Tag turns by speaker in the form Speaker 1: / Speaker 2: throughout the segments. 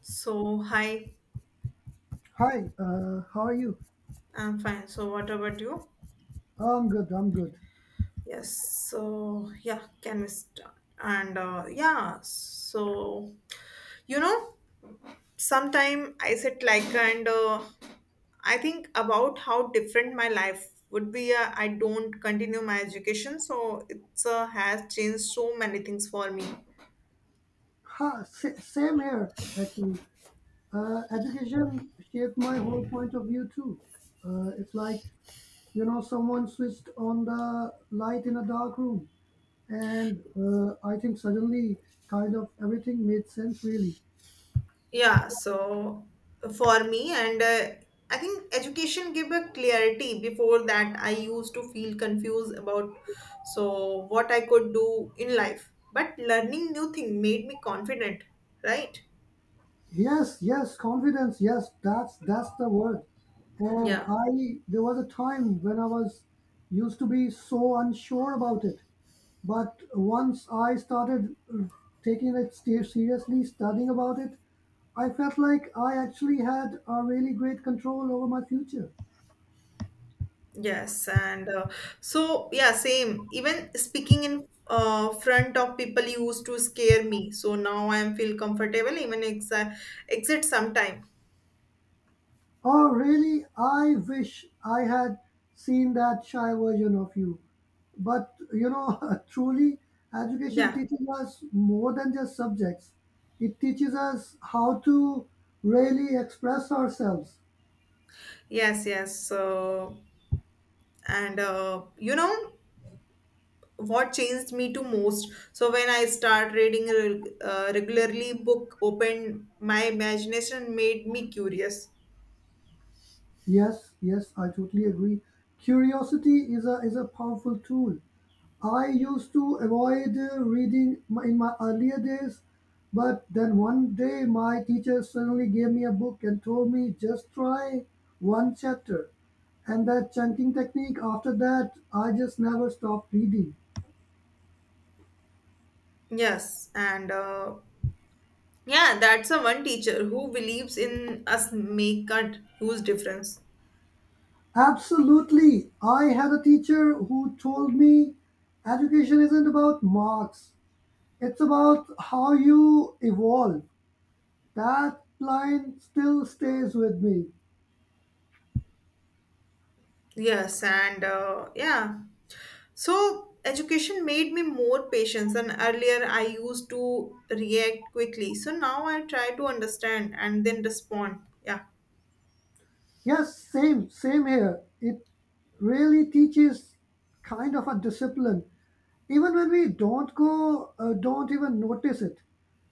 Speaker 1: So, hi,
Speaker 2: Hi, how are you?
Speaker 1: I'm fine. So, what about you?
Speaker 2: Oh, I'm good, I'm good.
Speaker 1: Yes, so yeah, can we start? And yeah, so you know, sometime I sit like and I think about how different my life would be. I don't continue my education, so it's has changed so many things for me.
Speaker 2: Same here, actually. Education shaped my whole point of view, too. It's like, you know, someone switched on the light in a dark room, and I think suddenly kind of everything made sense, really.
Speaker 1: Yeah, so for me, and I think education give a clarity. Before that, I used to feel confused about so what I could do in life. But learning new thing made me confident, right?
Speaker 2: Yes, yes, confidence, yes, that's the word. And
Speaker 1: Yeah.
Speaker 2: I, there was a time when I was used to be so unsure about it. But once I started taking it seriously, studying about it, I felt like I actually had a really great control over my future.
Speaker 1: Yes, and so yeah, same. Even speaking in front of people used to scare me. So now I am feel comfortable even exa exit sometime.
Speaker 2: Oh, really? I wish I had seen that shy version of you. But you know, truly, education
Speaker 1: Yeah.
Speaker 2: teaches us more than just subjects. It teaches us how to really express ourselves.
Speaker 1: Yes, yes. So and you know what changed me to most so when I start reading regularly book opened my imagination made me curious.
Speaker 2: Yes, yes, I totally agree. Curiosity is a powerful tool. I used to avoid reading in my earlier days, but then one day my teacher suddenly gave me a book and told me just try one chapter. And that chunking technique, after that, I just never stopped reading.
Speaker 1: Yes, and yeah, that's a one teacher who believes in us make a huge difference.
Speaker 2: Absolutely. I had a teacher who told me education isn't about marks, it's about how you evolve. That line still stays with me.
Speaker 1: Yes, and yeah, so education made me more patient and earlier I used to react quickly so now I try to understand and then respond, yeah,
Speaker 2: Yes, same, same here. It really teaches kind of a discipline, even when we don't even notice it.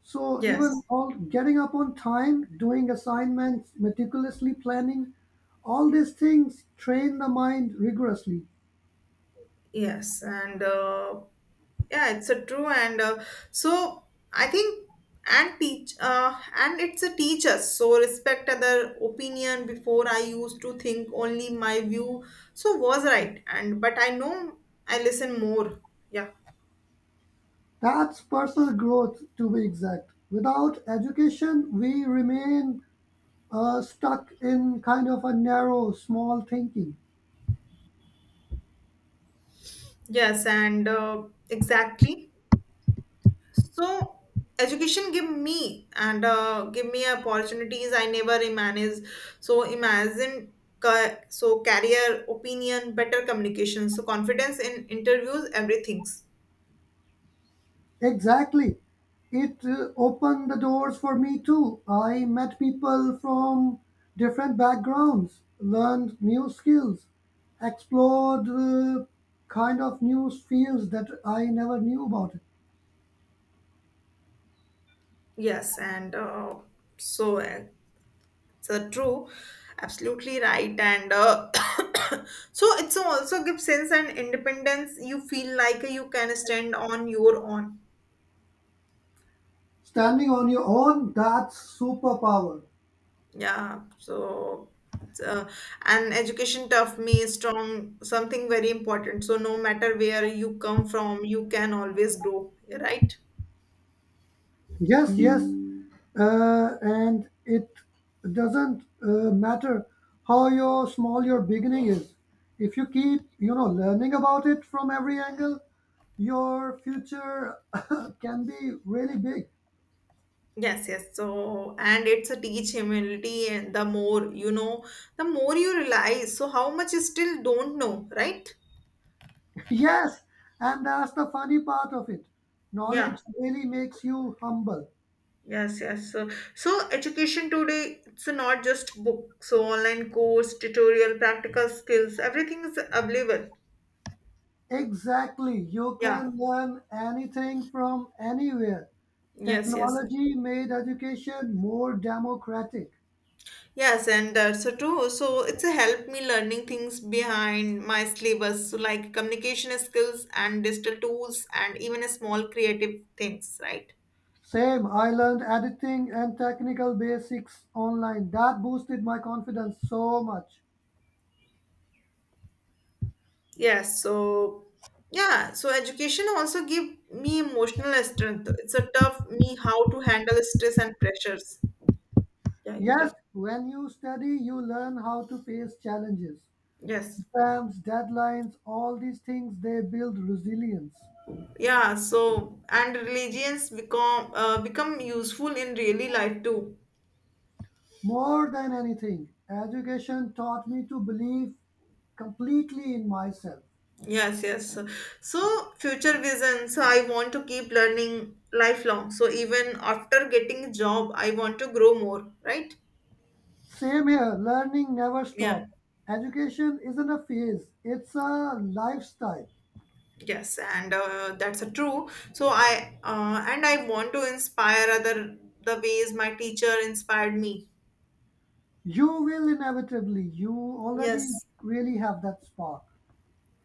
Speaker 2: So even
Speaker 1: yes.
Speaker 2: all getting up on time, doing assignments, meticulously planning, all these things train the mind rigorously.
Speaker 1: Yes, and yeah, it's a true and so I think and teach and it's a teacher so respect other opinion before I used to think only my view so was right and but I know I listen more, yeah.
Speaker 2: That's personal growth, to be exact. Without education, we remain stuck in kind of a narrow, small thinking.
Speaker 1: Yes, and exactly. So education give me opportunities I never imagined. So imagine so career, opinion, better communication, so confidence in interviews, everything's.
Speaker 2: Exactly. It opened the doors for me too. I met people from different backgrounds, learned new skills, explored kind of new fields that I never knew about.
Speaker 1: Yes, and so it's true, absolutely right, and so it's also gives sense and independence. You feel like you can stand on your own.
Speaker 2: Standing on your own, that's superpower.
Speaker 1: Yeah, so it's, uh, and education taught me strong something very important. So no matter where you come from, you can always grow, right?
Speaker 2: Yes, yes. And it doesn't matter how your small your beginning is. If you keep, you know, learning about it from every angle, your future can be really big.
Speaker 1: Yes, yes. So and it's a teach humility, and the more you know, the more you realize. So how much you still don't know, right?
Speaker 2: Yes, and that's the funny part of it.
Speaker 1: Yeah.
Speaker 2: Knowledge really makes you humble.
Speaker 1: Yes, yes. So education today, it's not just book. So online course, tutorial, practical skills, everything is available.
Speaker 2: Exactly. You
Speaker 1: Yeah.
Speaker 2: can learn anything from anywhere.
Speaker 1: Yes, yes.
Speaker 2: Technology made education more democratic.
Speaker 1: Yes, and that's so true. So it's a help me learning things behind my syllabus, so like communication skills and digital tools, and even a small creative things, right?
Speaker 2: Same, I learned editing and technical basics online. That boosted my confidence so much.
Speaker 1: Yes, so yeah. So education also give me emotional strength. It's a tough me how to handle stress and pressures. Yeah, your
Speaker 2: Yes,
Speaker 1: turn.
Speaker 2: when you study, you learn how to face challenges,
Speaker 1: Yes.
Speaker 2: exams, deadlines, all these things they build resilience.
Speaker 1: Yeah. So and religions become useful in really life too.
Speaker 2: More than anything, education taught me to believe completely in myself.
Speaker 1: Yes, yes. So, future vision. So, I want to keep learning lifelong. So, even after getting a job, I want to grow more, right?
Speaker 2: Same here, learning never
Speaker 1: Yeah.
Speaker 2: stops. Education isn't a phase, it's a lifestyle.
Speaker 1: Yes, and that's a true. So, I want to inspire other the ways my teacher inspired me.
Speaker 2: You will inevitably. You already
Speaker 1: Yes.
Speaker 2: really have that spark.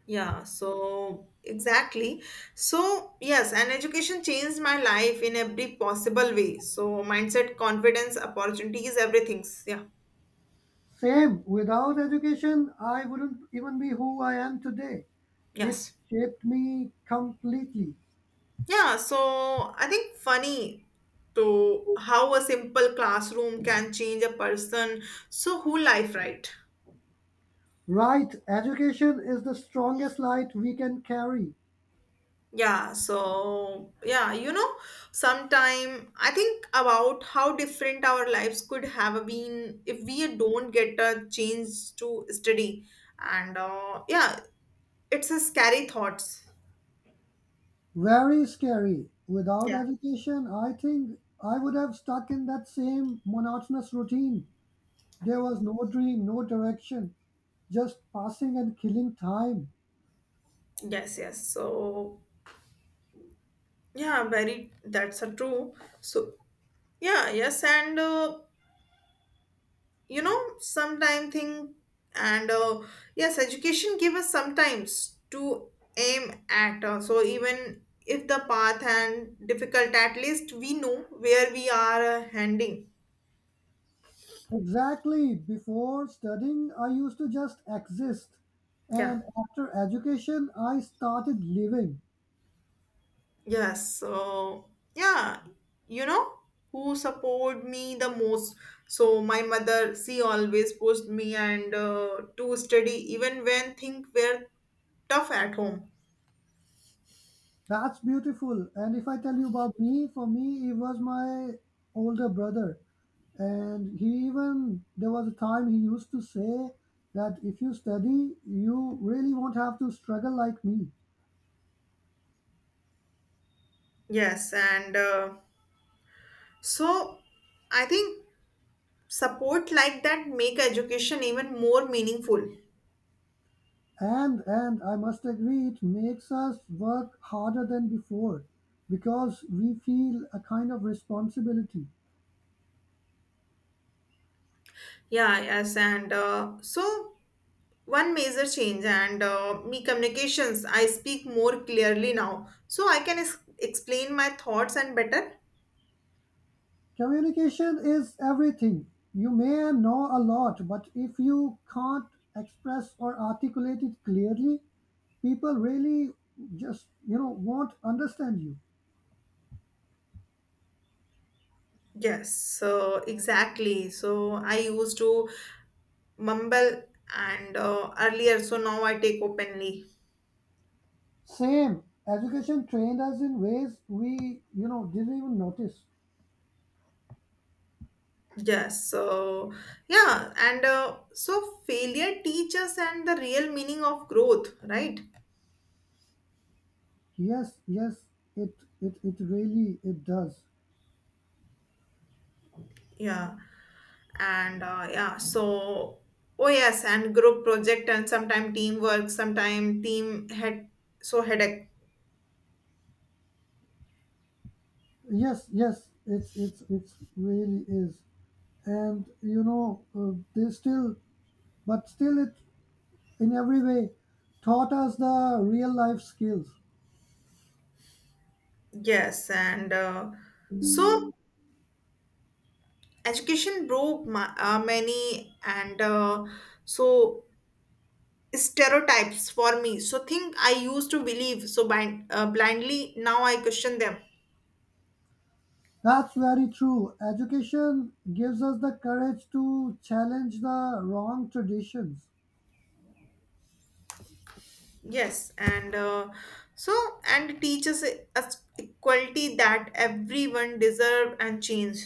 Speaker 1: Yeah, so exactly. So, yes, and education changed my life in every possible way. So, mindset, confidence, opportunities, everything. Yeah.
Speaker 2: Same. Without education, I wouldn't even be who I am today. It
Speaker 1: Yes.
Speaker 2: shaped me completely.
Speaker 1: Yeah, so I think funny to how a simple classroom can change a person. So whole life, right?
Speaker 2: Right. Education is the strongest light we can carry.
Speaker 1: Yeah, so yeah, sometime I think about how different our lives could have been if we don't get a chance to study. And yeah, it's a scary thoughts.
Speaker 2: Very scary. Without
Speaker 1: Yeah.
Speaker 2: education, I think I would have stuck in that same monotonous routine. There was no dream, no direction, just passing and killing time.
Speaker 1: Yes, yes. So yeah, very that's a true. So yeah, yes, and sometime thing and yes education give us sometimes to aim at so even if the path and difficult at least we know where we are heading,
Speaker 2: Exactly. Before studying, I used to just exist.
Speaker 1: yeah,
Speaker 2: And after education, I started living.
Speaker 1: yes. So yeah, you know who support me the most, so my mother, she always pushed me and to study even when things were tough at home.
Speaker 2: That's beautiful. And if I tell you about me, for me, he was my older brother. And he even, there was a time he used to say that if you study, you really won't have to struggle like me.
Speaker 1: Yes, and so I think support like that make education even more meaningful,
Speaker 2: And I must agree, it makes us work harder than before because we feel a kind of responsibility.
Speaker 1: yeah. Yes, and so one major change and me communications, I speak more clearly now so I can explain my thoughts and better.
Speaker 2: Communication is everything. You may know a lot, but if you can't express or articulate it clearly, people really just you know won't understand you.
Speaker 1: Yes, so exactly, so I used to mumble and earlier, so now I take openly.
Speaker 2: Same. Education trained us in ways we you know didn't even notice.
Speaker 1: Yes, so yeah, and so failure teaches and the real meaning of growth, right?
Speaker 2: Yes, yes, it it really it does.
Speaker 1: Yeah. And yeah, so oh yes, and group project and sometime teamwork sometime team head, so headache.
Speaker 2: Yes, yes, it's really is. And you know they still, but still it in every way taught us the real life skills.
Speaker 1: Yes, and so education broke my, many and so stereotypes for me, so think I used to believe so blindly, now I question them.
Speaker 2: That's very true. Education gives us the courage to challenge the wrong traditions.
Speaker 1: Yes, and so and teaches us equality that everyone deserve and change.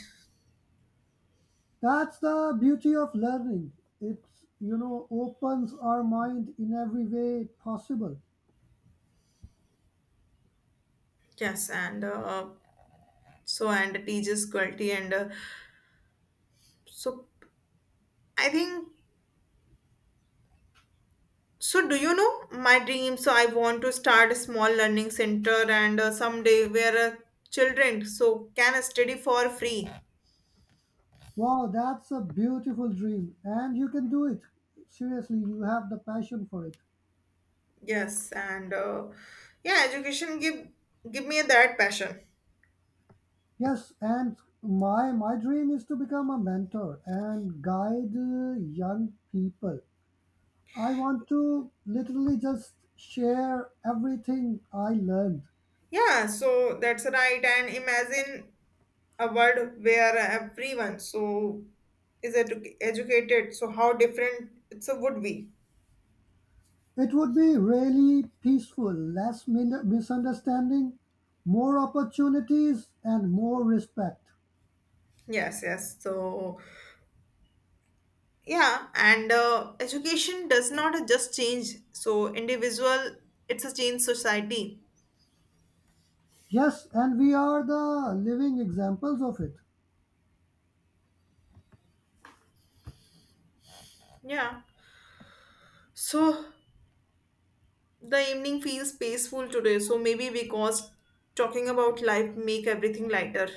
Speaker 2: That's the beauty of learning. It, you know, opens our mind in every way possible.
Speaker 1: Yes, and so and teaches quality and so I think, so do you know my dream, so I want to start a small learning center and someday where children so can study for free.
Speaker 2: Wow, that's a beautiful dream. And you can do it. Seriously, you have the passion for it.
Speaker 1: Yes, and yeah, education give me that passion.
Speaker 2: Yes, and my dream is to become a mentor and guide young people. I want to literally just share everything I learned.
Speaker 1: Yeah, so that's right, and imagine a world where everyone so is educated, so how different it's a would be.
Speaker 2: It would be really peaceful, less misunderstanding, more opportunities, and more respect.
Speaker 1: Yes, yes, so yeah, and education does not just change so individual, it's a change society.
Speaker 2: Yes, and we are the living examples of it.
Speaker 1: Yeah, so the evening feels peaceful today, so maybe because talking about life make everything lighter.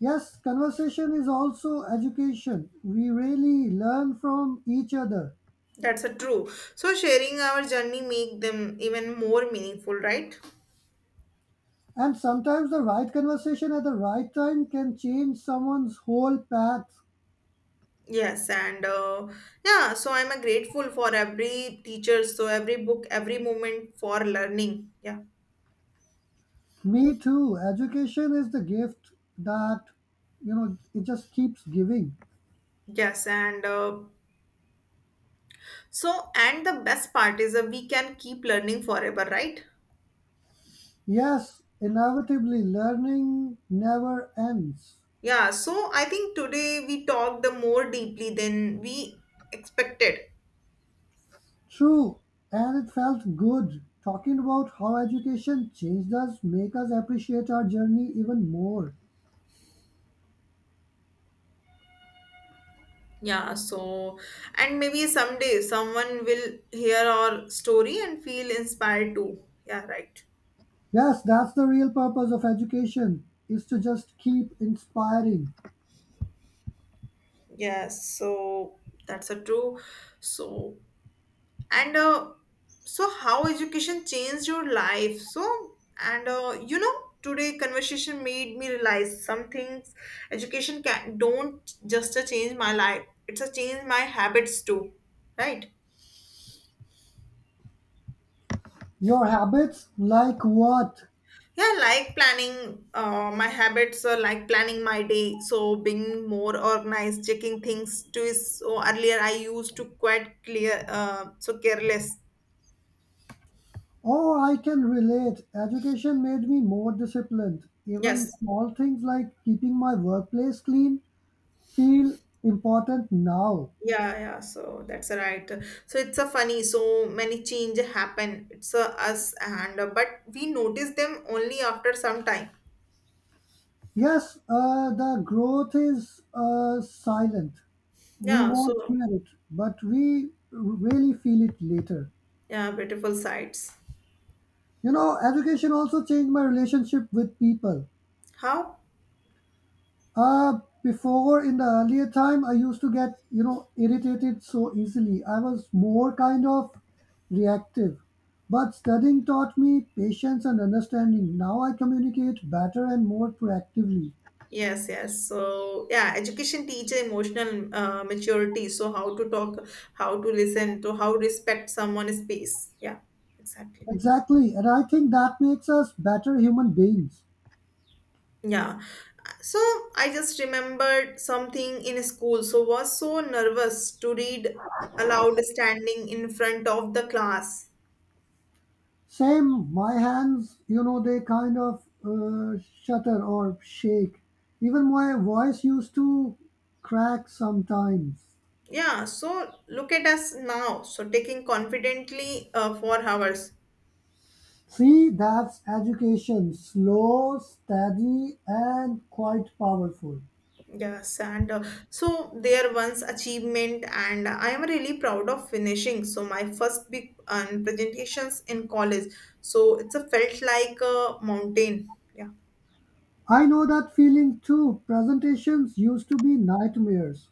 Speaker 2: Yes, conversation is also education. We really learn from each other.
Speaker 1: That's a true, so sharing our journey make them even more meaningful, right?
Speaker 2: And sometimes the right conversation at the right time can change someone's whole path.
Speaker 1: Yes, and yeah, so I'm a grateful for every teacher, so every book, every moment for learning, yeah.
Speaker 2: Me too. Education is the gift that, you know, it just keeps giving.
Speaker 1: Yes, and so, and the best part is that we can keep learning forever, right?
Speaker 2: Yes, inevitably, learning never ends.
Speaker 1: Yeah, so I think today we talked the more deeply than we expected.
Speaker 2: True. And it felt good talking about how education changed us, make us appreciate our journey even more.
Speaker 1: Yeah, so and maybe someday someone will hear our story and feel inspired too. Yeah, right.
Speaker 2: Yes, that's the real purpose of education is to just keep inspiring.
Speaker 1: Yes, so that's a true. So and so how education changed your life, so and you know today conversation made me realize some things education can don't just a change my life, it's a change my habits too, right?
Speaker 2: Your habits, like what?
Speaker 1: Yeah, like planning my habits like planning my day, so being more organized, checking things to is, so earlier I used to quite clear, so careless,
Speaker 2: Oh, I can relate. Education made me more disciplined. Even
Speaker 1: yes.
Speaker 2: small things like keeping my workplace clean feel important now.
Speaker 1: Yeah, yeah. So that's right. So it's a funny. So many change happen. It's a us and but we notice them only after some time.
Speaker 2: Yes, the growth is silent. We
Speaker 1: Yeah.
Speaker 2: won't
Speaker 1: So
Speaker 2: hear it, but we really feel it later.
Speaker 1: yeah, beautiful sights.
Speaker 2: You know, education also changed my relationship with people.
Speaker 1: How?
Speaker 2: Before in the earlier time, I used to get, you know, irritated so easily. I was more kind of reactive. But studying taught me patience and understanding. Now I communicate better and more proactively.
Speaker 1: Yes, yes. So yeah, education teach emotional maturity. So how to talk, how to listen, to how respect someone's space. Yeah, exactly.
Speaker 2: Exactly. And I think that makes us better human beings.
Speaker 1: Yeah. So I just remembered something in school. So was so nervous to read aloud standing in front of the class.
Speaker 2: Same, my hands, you know, they kind of shudder or shake. Even my voice used to crack sometimes.
Speaker 1: Yeah. So look at us now. So taking confidently for hours.
Speaker 2: See, that's education, slow, steady and quite powerful.
Speaker 1: Yes, and so there once achievement, and I am really proud of finishing. So my first big presentations in college. So it's a felt like a mountain. Yeah.
Speaker 2: I know that feeling too. Presentations used to be nightmares,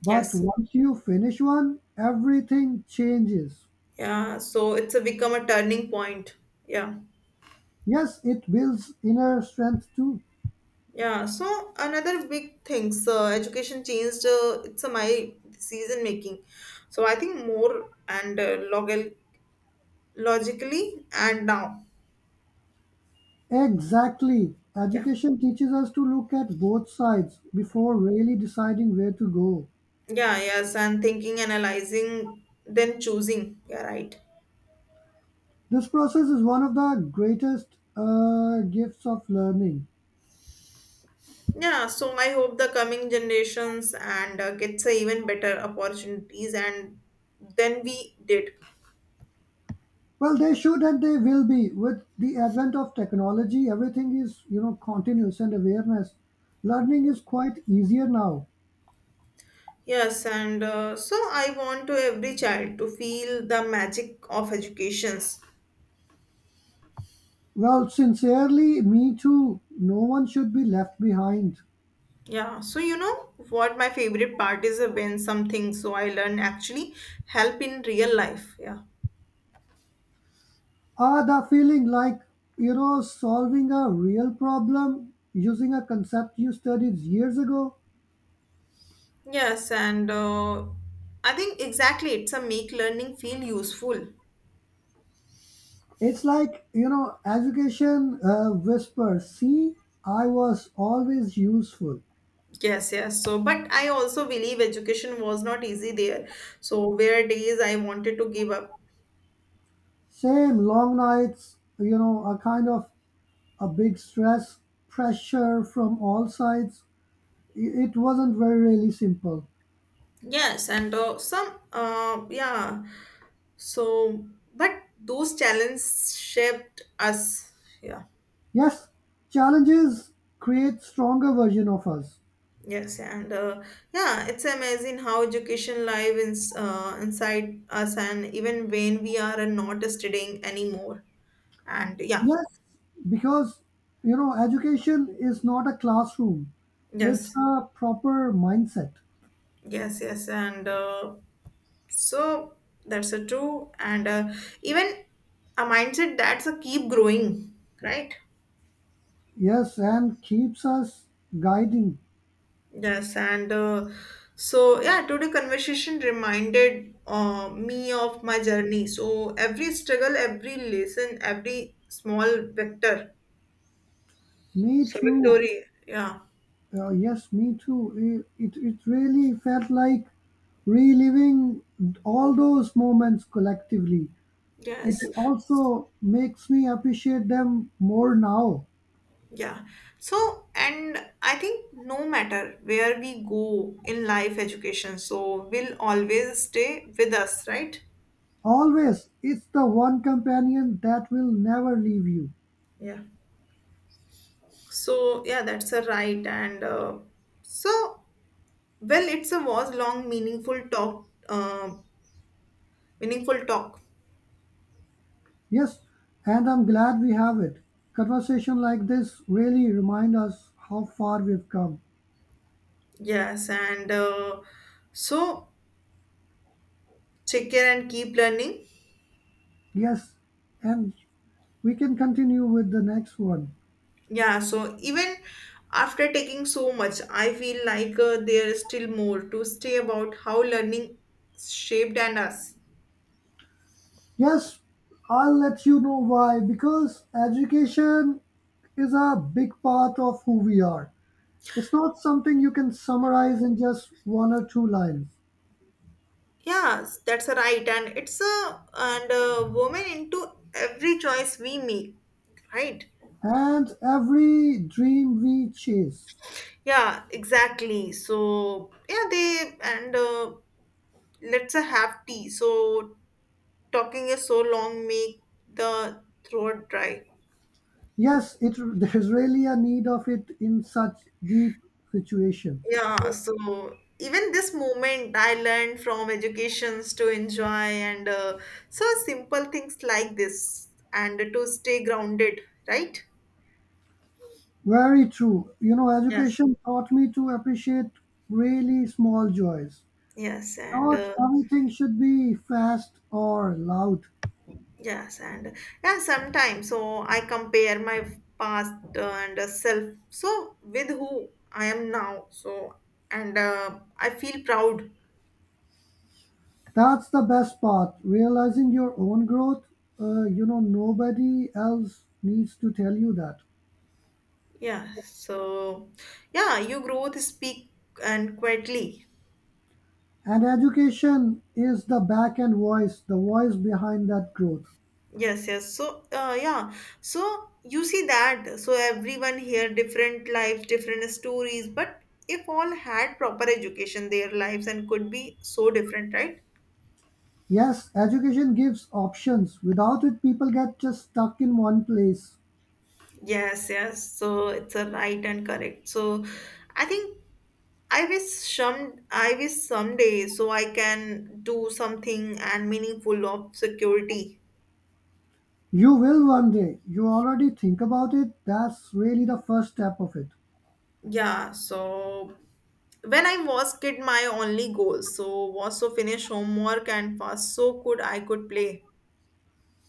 Speaker 2: but
Speaker 1: Yes.
Speaker 2: once you finish one, everything changes.
Speaker 1: Yeah, so it's a become a turning point. Yeah.
Speaker 2: Yes, it builds inner strength too.
Speaker 1: Yeah, so another big thing, so education changed it's my decision making. So I think more and logal logically and now.
Speaker 2: Exactly.
Speaker 1: Yeah.
Speaker 2: Education teaches us to look at both sides before really deciding where to go.
Speaker 1: Yeah, yes, and thinking, analyzing, then choosing. Yeah, right.
Speaker 2: This process is one of the greatest gifts of learning.
Speaker 1: Yeah, so I hope the coming generations and gets even better opportunities and than we did.
Speaker 2: Well, they should and they will be. With the advent of technology, everything is, you know, continuous and awareness. Learning is quite easier now.
Speaker 1: Yes, and so I want to every child to feel the magic of educations.
Speaker 2: Well, sincerely, me too. No one should be left behind.
Speaker 1: Yeah, so you know what my favorite part is, when something so I learn actually help in real life. Yeah.
Speaker 2: Ah, the feeling like, you know, solving a real problem using a concept you studied years ago.
Speaker 1: Yes, and I think exactly it's a make learning feel useful.
Speaker 2: It's like, you know, education whispers, see, I was always useful.
Speaker 1: Yes, yes. So, but I also believe education was not easy there. So, where days I wanted to give up.
Speaker 2: Same long nights, you know, a kind of a big stress, pressure from all sides. It wasn't very really simple.
Speaker 1: Yes, and some, yeah. So, but those challenges shaped us. Yeah.
Speaker 2: Yes, challenges create stronger version of us.
Speaker 1: Yes, and yeah, it's amazing how education live inside us, and even when we are not studying anymore. And yeah,
Speaker 2: Yes, because you know education is not a classroom; it's
Speaker 1: yes,
Speaker 2: a proper mindset.
Speaker 1: yes, yes, and so that's a true, and even a mindset that's a keep growing, right?
Speaker 2: Yes, and keeps us guiding.
Speaker 1: Yes, and so yeah, today conversation reminded me of my journey. So every struggle, every lesson, every small
Speaker 2: Me too.
Speaker 1: victory. Yeah,
Speaker 2: Yes, me too. It really felt like reliving all those moments collectively. It
Speaker 1: yes,
Speaker 2: also makes me appreciate them more now.
Speaker 1: yeah. So and I think no matter where we go in life, education, so will always stay with us, right?
Speaker 2: Always, it's the one companion that will never leave you.
Speaker 1: Yeah. So yeah, that's a right and so well, it's a was long meaningful talk. Meaningful talk
Speaker 2: Yes, and I'm glad we have it. Conversation like this really remind us how far we've come.
Speaker 1: yes, and so take care and keep learning,
Speaker 2: Yes, and we can continue with the next one.
Speaker 1: yeah, so even after taking so much I feel like there is still more to say about how learning shaped and us,
Speaker 2: Yes, I'll let you know why. Because education is a big part of who we are. It's not something you can summarize in just one or two lines.
Speaker 1: yes, that's a right and it's a and a woman into every choice we make, right?
Speaker 2: And every dream we chase.
Speaker 1: Yeah, exactly, so yeah, they and let's have tea, so talking is so long make the throat dry.
Speaker 2: Yes, it there's really a need of it in such deep situations.
Speaker 1: Yeah, so even this moment I learned from educations to enjoy and so simple things like this and to stay grounded, right?
Speaker 2: Very true. You know,
Speaker 1: Yes.
Speaker 2: education taught me to appreciate really small joys.
Speaker 1: Yes, and
Speaker 2: Not everything should be fast or loud.
Speaker 1: yes, and yeah, sometimes so I compare my past and self so with who I am now. So and I feel proud.
Speaker 2: That's the best part. Realizing your own growth, you know, nobody else needs to tell you that.
Speaker 1: Yeah, so yeah, you growth speak and quietly.
Speaker 2: And education is the back end voice, the voice behind that growth.
Speaker 1: Yes, yes. So yeah, so you see that. So everyone here, different lives, different stories. But if all had proper education, their lives and could be so different, right?
Speaker 2: Yes, education gives options. Without it, people get just stuck in one place.
Speaker 1: Yes, yes. So it's a right and correct. So I think I wish I wish someday so I can do something and meaningful of security.
Speaker 2: You will one day. You already think about it. That's really the first step of it.
Speaker 1: Yeah, so when I was kid, my only goal so was to finish homework and fast so could I could play.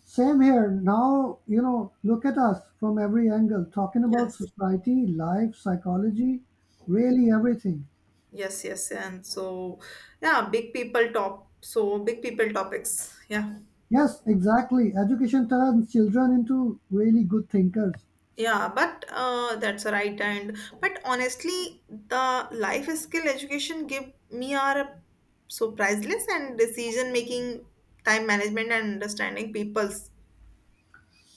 Speaker 2: Same here. Now, you know, look at us from every angle, talking about
Speaker 1: Yes,
Speaker 2: society, life, psychology, really everything.
Speaker 1: yes, yes, and so yeah, big people top. So big people topics. Yeah.
Speaker 2: Yes, exactly. Education turns children into really good thinkers.
Speaker 1: Yeah, but that's right. And but honestly, the life skill education give me are so priceless and decision making, time management, and understanding people's.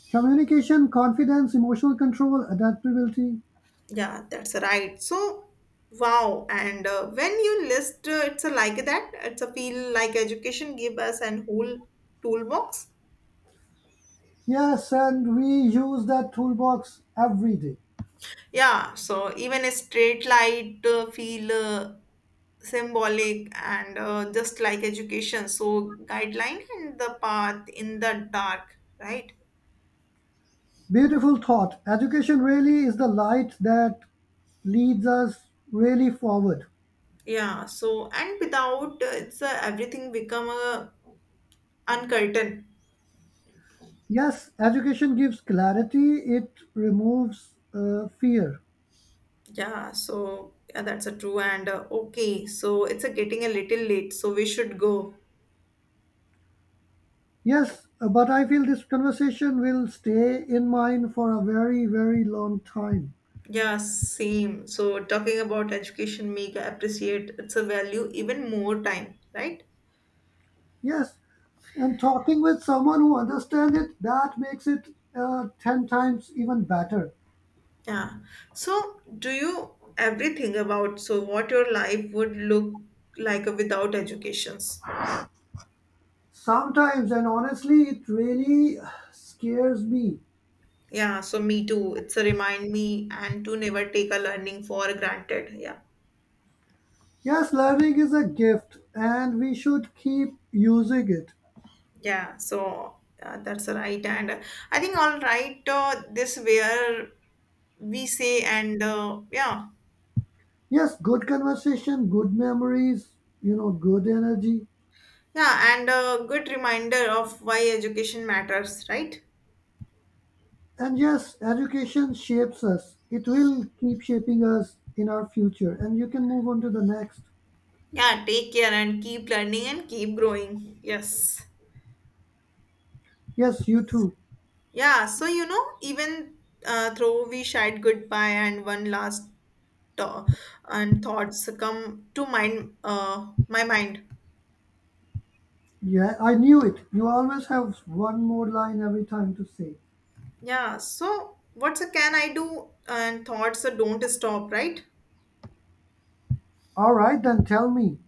Speaker 2: Communication, confidence, emotional control, adaptability.
Speaker 1: Yeah, that's right. So, wow. And when you it's a like that. It's a feel like education give us an whole toolbox.
Speaker 2: Yes, and we use that toolbox every day.
Speaker 1: Yeah. So even a straight light feel symbolic and just like education. So guideline and the path in the dark, right?
Speaker 2: Beautiful thought. Education really is the light that leads us really forward.
Speaker 1: Yeah. So and without it's everything become a uncurtain.
Speaker 2: Yes, education gives clarity, it removes fear.
Speaker 1: Yeah, so yeah, that's a true and okay. So it's a getting a little late, so we should go.
Speaker 2: Yes, but I feel this conversation will stay in mind for a very, very long time.
Speaker 1: Yeah, same. So talking about education make I appreciate it's a value even more time, right?
Speaker 2: Yes, and talking with someone who understands it, that makes it 10 times even better.
Speaker 1: Yeah. So do you everything about so what your life would look like without educations?
Speaker 2: Sometimes, and honestly, it really scares me.
Speaker 1: Yeah, so me too. It's a remind me and to never take a learning for granted. Yeah.
Speaker 2: Yes, learning is a gift and we should keep using it.
Speaker 1: Yeah, so that's right. And I think all right, this where we say and yeah.
Speaker 2: Yes, good conversation, good memories, you know, good energy.
Speaker 1: Yeah and a good reminder of why education matters, right?
Speaker 2: And yes, education shapes us. It will keep shaping us in our future. And you can move on to the next.
Speaker 1: Yeah, take care and keep learning and keep growing. Yes.
Speaker 2: Yes, you too.
Speaker 1: Yeah, so you know even though we shared goodbye and one last thaw- and thoughts come to mind, my mind.
Speaker 2: Yeah, I knew it. You always have one more line every time to say.
Speaker 1: Yeah, so what's a can I do and thoughts don't stop, right?
Speaker 2: All right, then tell me.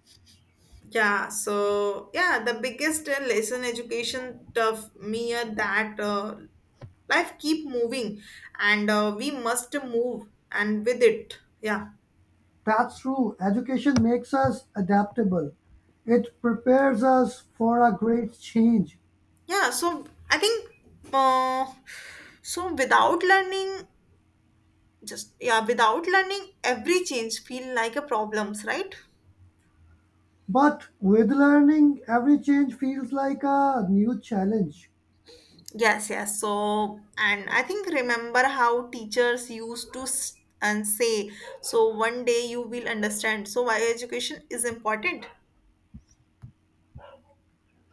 Speaker 1: Yeah, so yeah, the biggest lesson education of me are that life keep moving and we must move and with it. Yeah.
Speaker 2: That's true. Education makes us adaptable. It prepares us for a great change.
Speaker 1: Yeah, so I think uh, so without learning every change feel like a problems, right?
Speaker 2: But with learning, every change feels like a new challenge.
Speaker 1: Yes, yes. So, and I think remember how teachers used to s- and say, so one day you will understand. So, why education is important?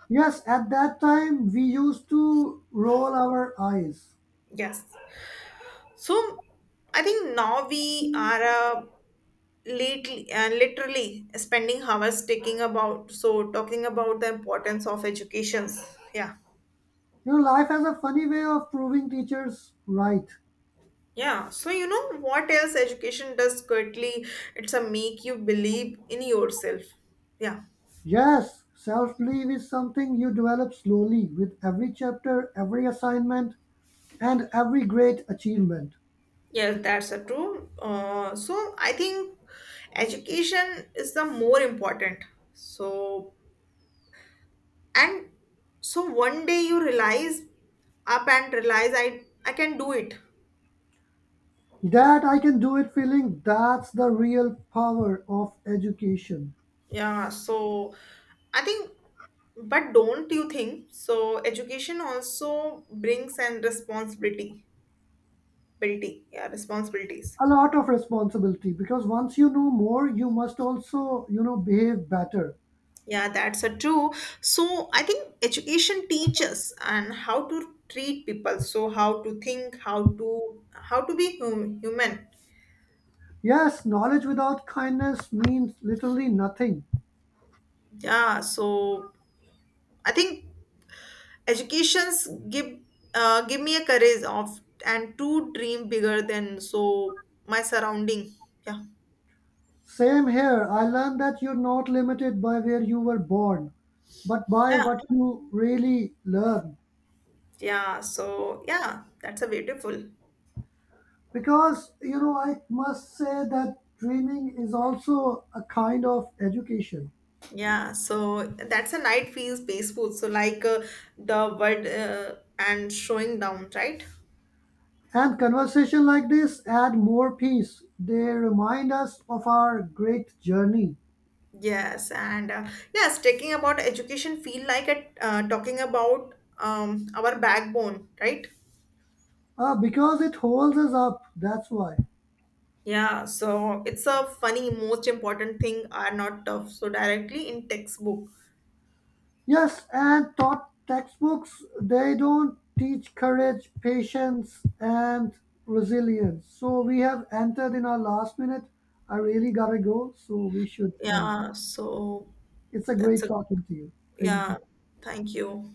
Speaker 2: Yes, at that time, we used to roll our eyes.
Speaker 1: Yes. So, I think now we are lately, literally spending hours taking about, so talking about the importance of educations. Yeah.
Speaker 2: You know, life has a funny way of proving teachers right.
Speaker 1: Yeah, so you know what else education does quickly? It's a make you believe in yourself. Yeah.
Speaker 2: Yes, self belief is something you develop slowly with every chapter, every assignment, and every great achievement.
Speaker 1: Yes, that's a true. So I think education is the more important. So and so one day you realize up and realize I can do it.
Speaker 2: That I can do it feeling that's the real power of education.
Speaker 1: Yeah. So I think, but don't you think? So education also brings and responsibilities.
Speaker 2: A lot of responsibility because once you know more you must also you know behave better.
Speaker 1: Yeah, that's a true. So I think education teaches and how to treat people. So how to think, how to be human.
Speaker 2: Yes, knowledge without kindness means literally nothing.
Speaker 1: Yeah. So I think educations give me a courage of and to dream bigger than so my surrounding. Yeah.
Speaker 2: Same here, I learned that you're not limited by where you were born but by
Speaker 1: Yeah.
Speaker 2: what you really learn.
Speaker 1: Yeah. So yeah, that's a beautiful.
Speaker 2: Because you know I must say that dreaming is also a kind of education.
Speaker 1: Yeah, so that's a night feels peaceful. So like the word and showing down, right?
Speaker 2: And conversation like this add more peace, they remind us of our great journey.
Speaker 1: Yes, and yes, talking about education feel like talking about our backbone, right?
Speaker 2: Because it holds us up, that's why.
Speaker 1: Yeah, so it's a funny, most important thing are not tough, so directly in textbook.
Speaker 2: Yes, and taught textbooks, they don't teach courage, patience, and resilience. So we have entered in our last minute. I really gotta go, so we should end.
Speaker 1: Yeah, so
Speaker 2: It's a
Speaker 1: that's
Speaker 2: great
Speaker 1: a
Speaker 2: talking to you. Thank
Speaker 1: yeah,
Speaker 2: you.
Speaker 1: thank you.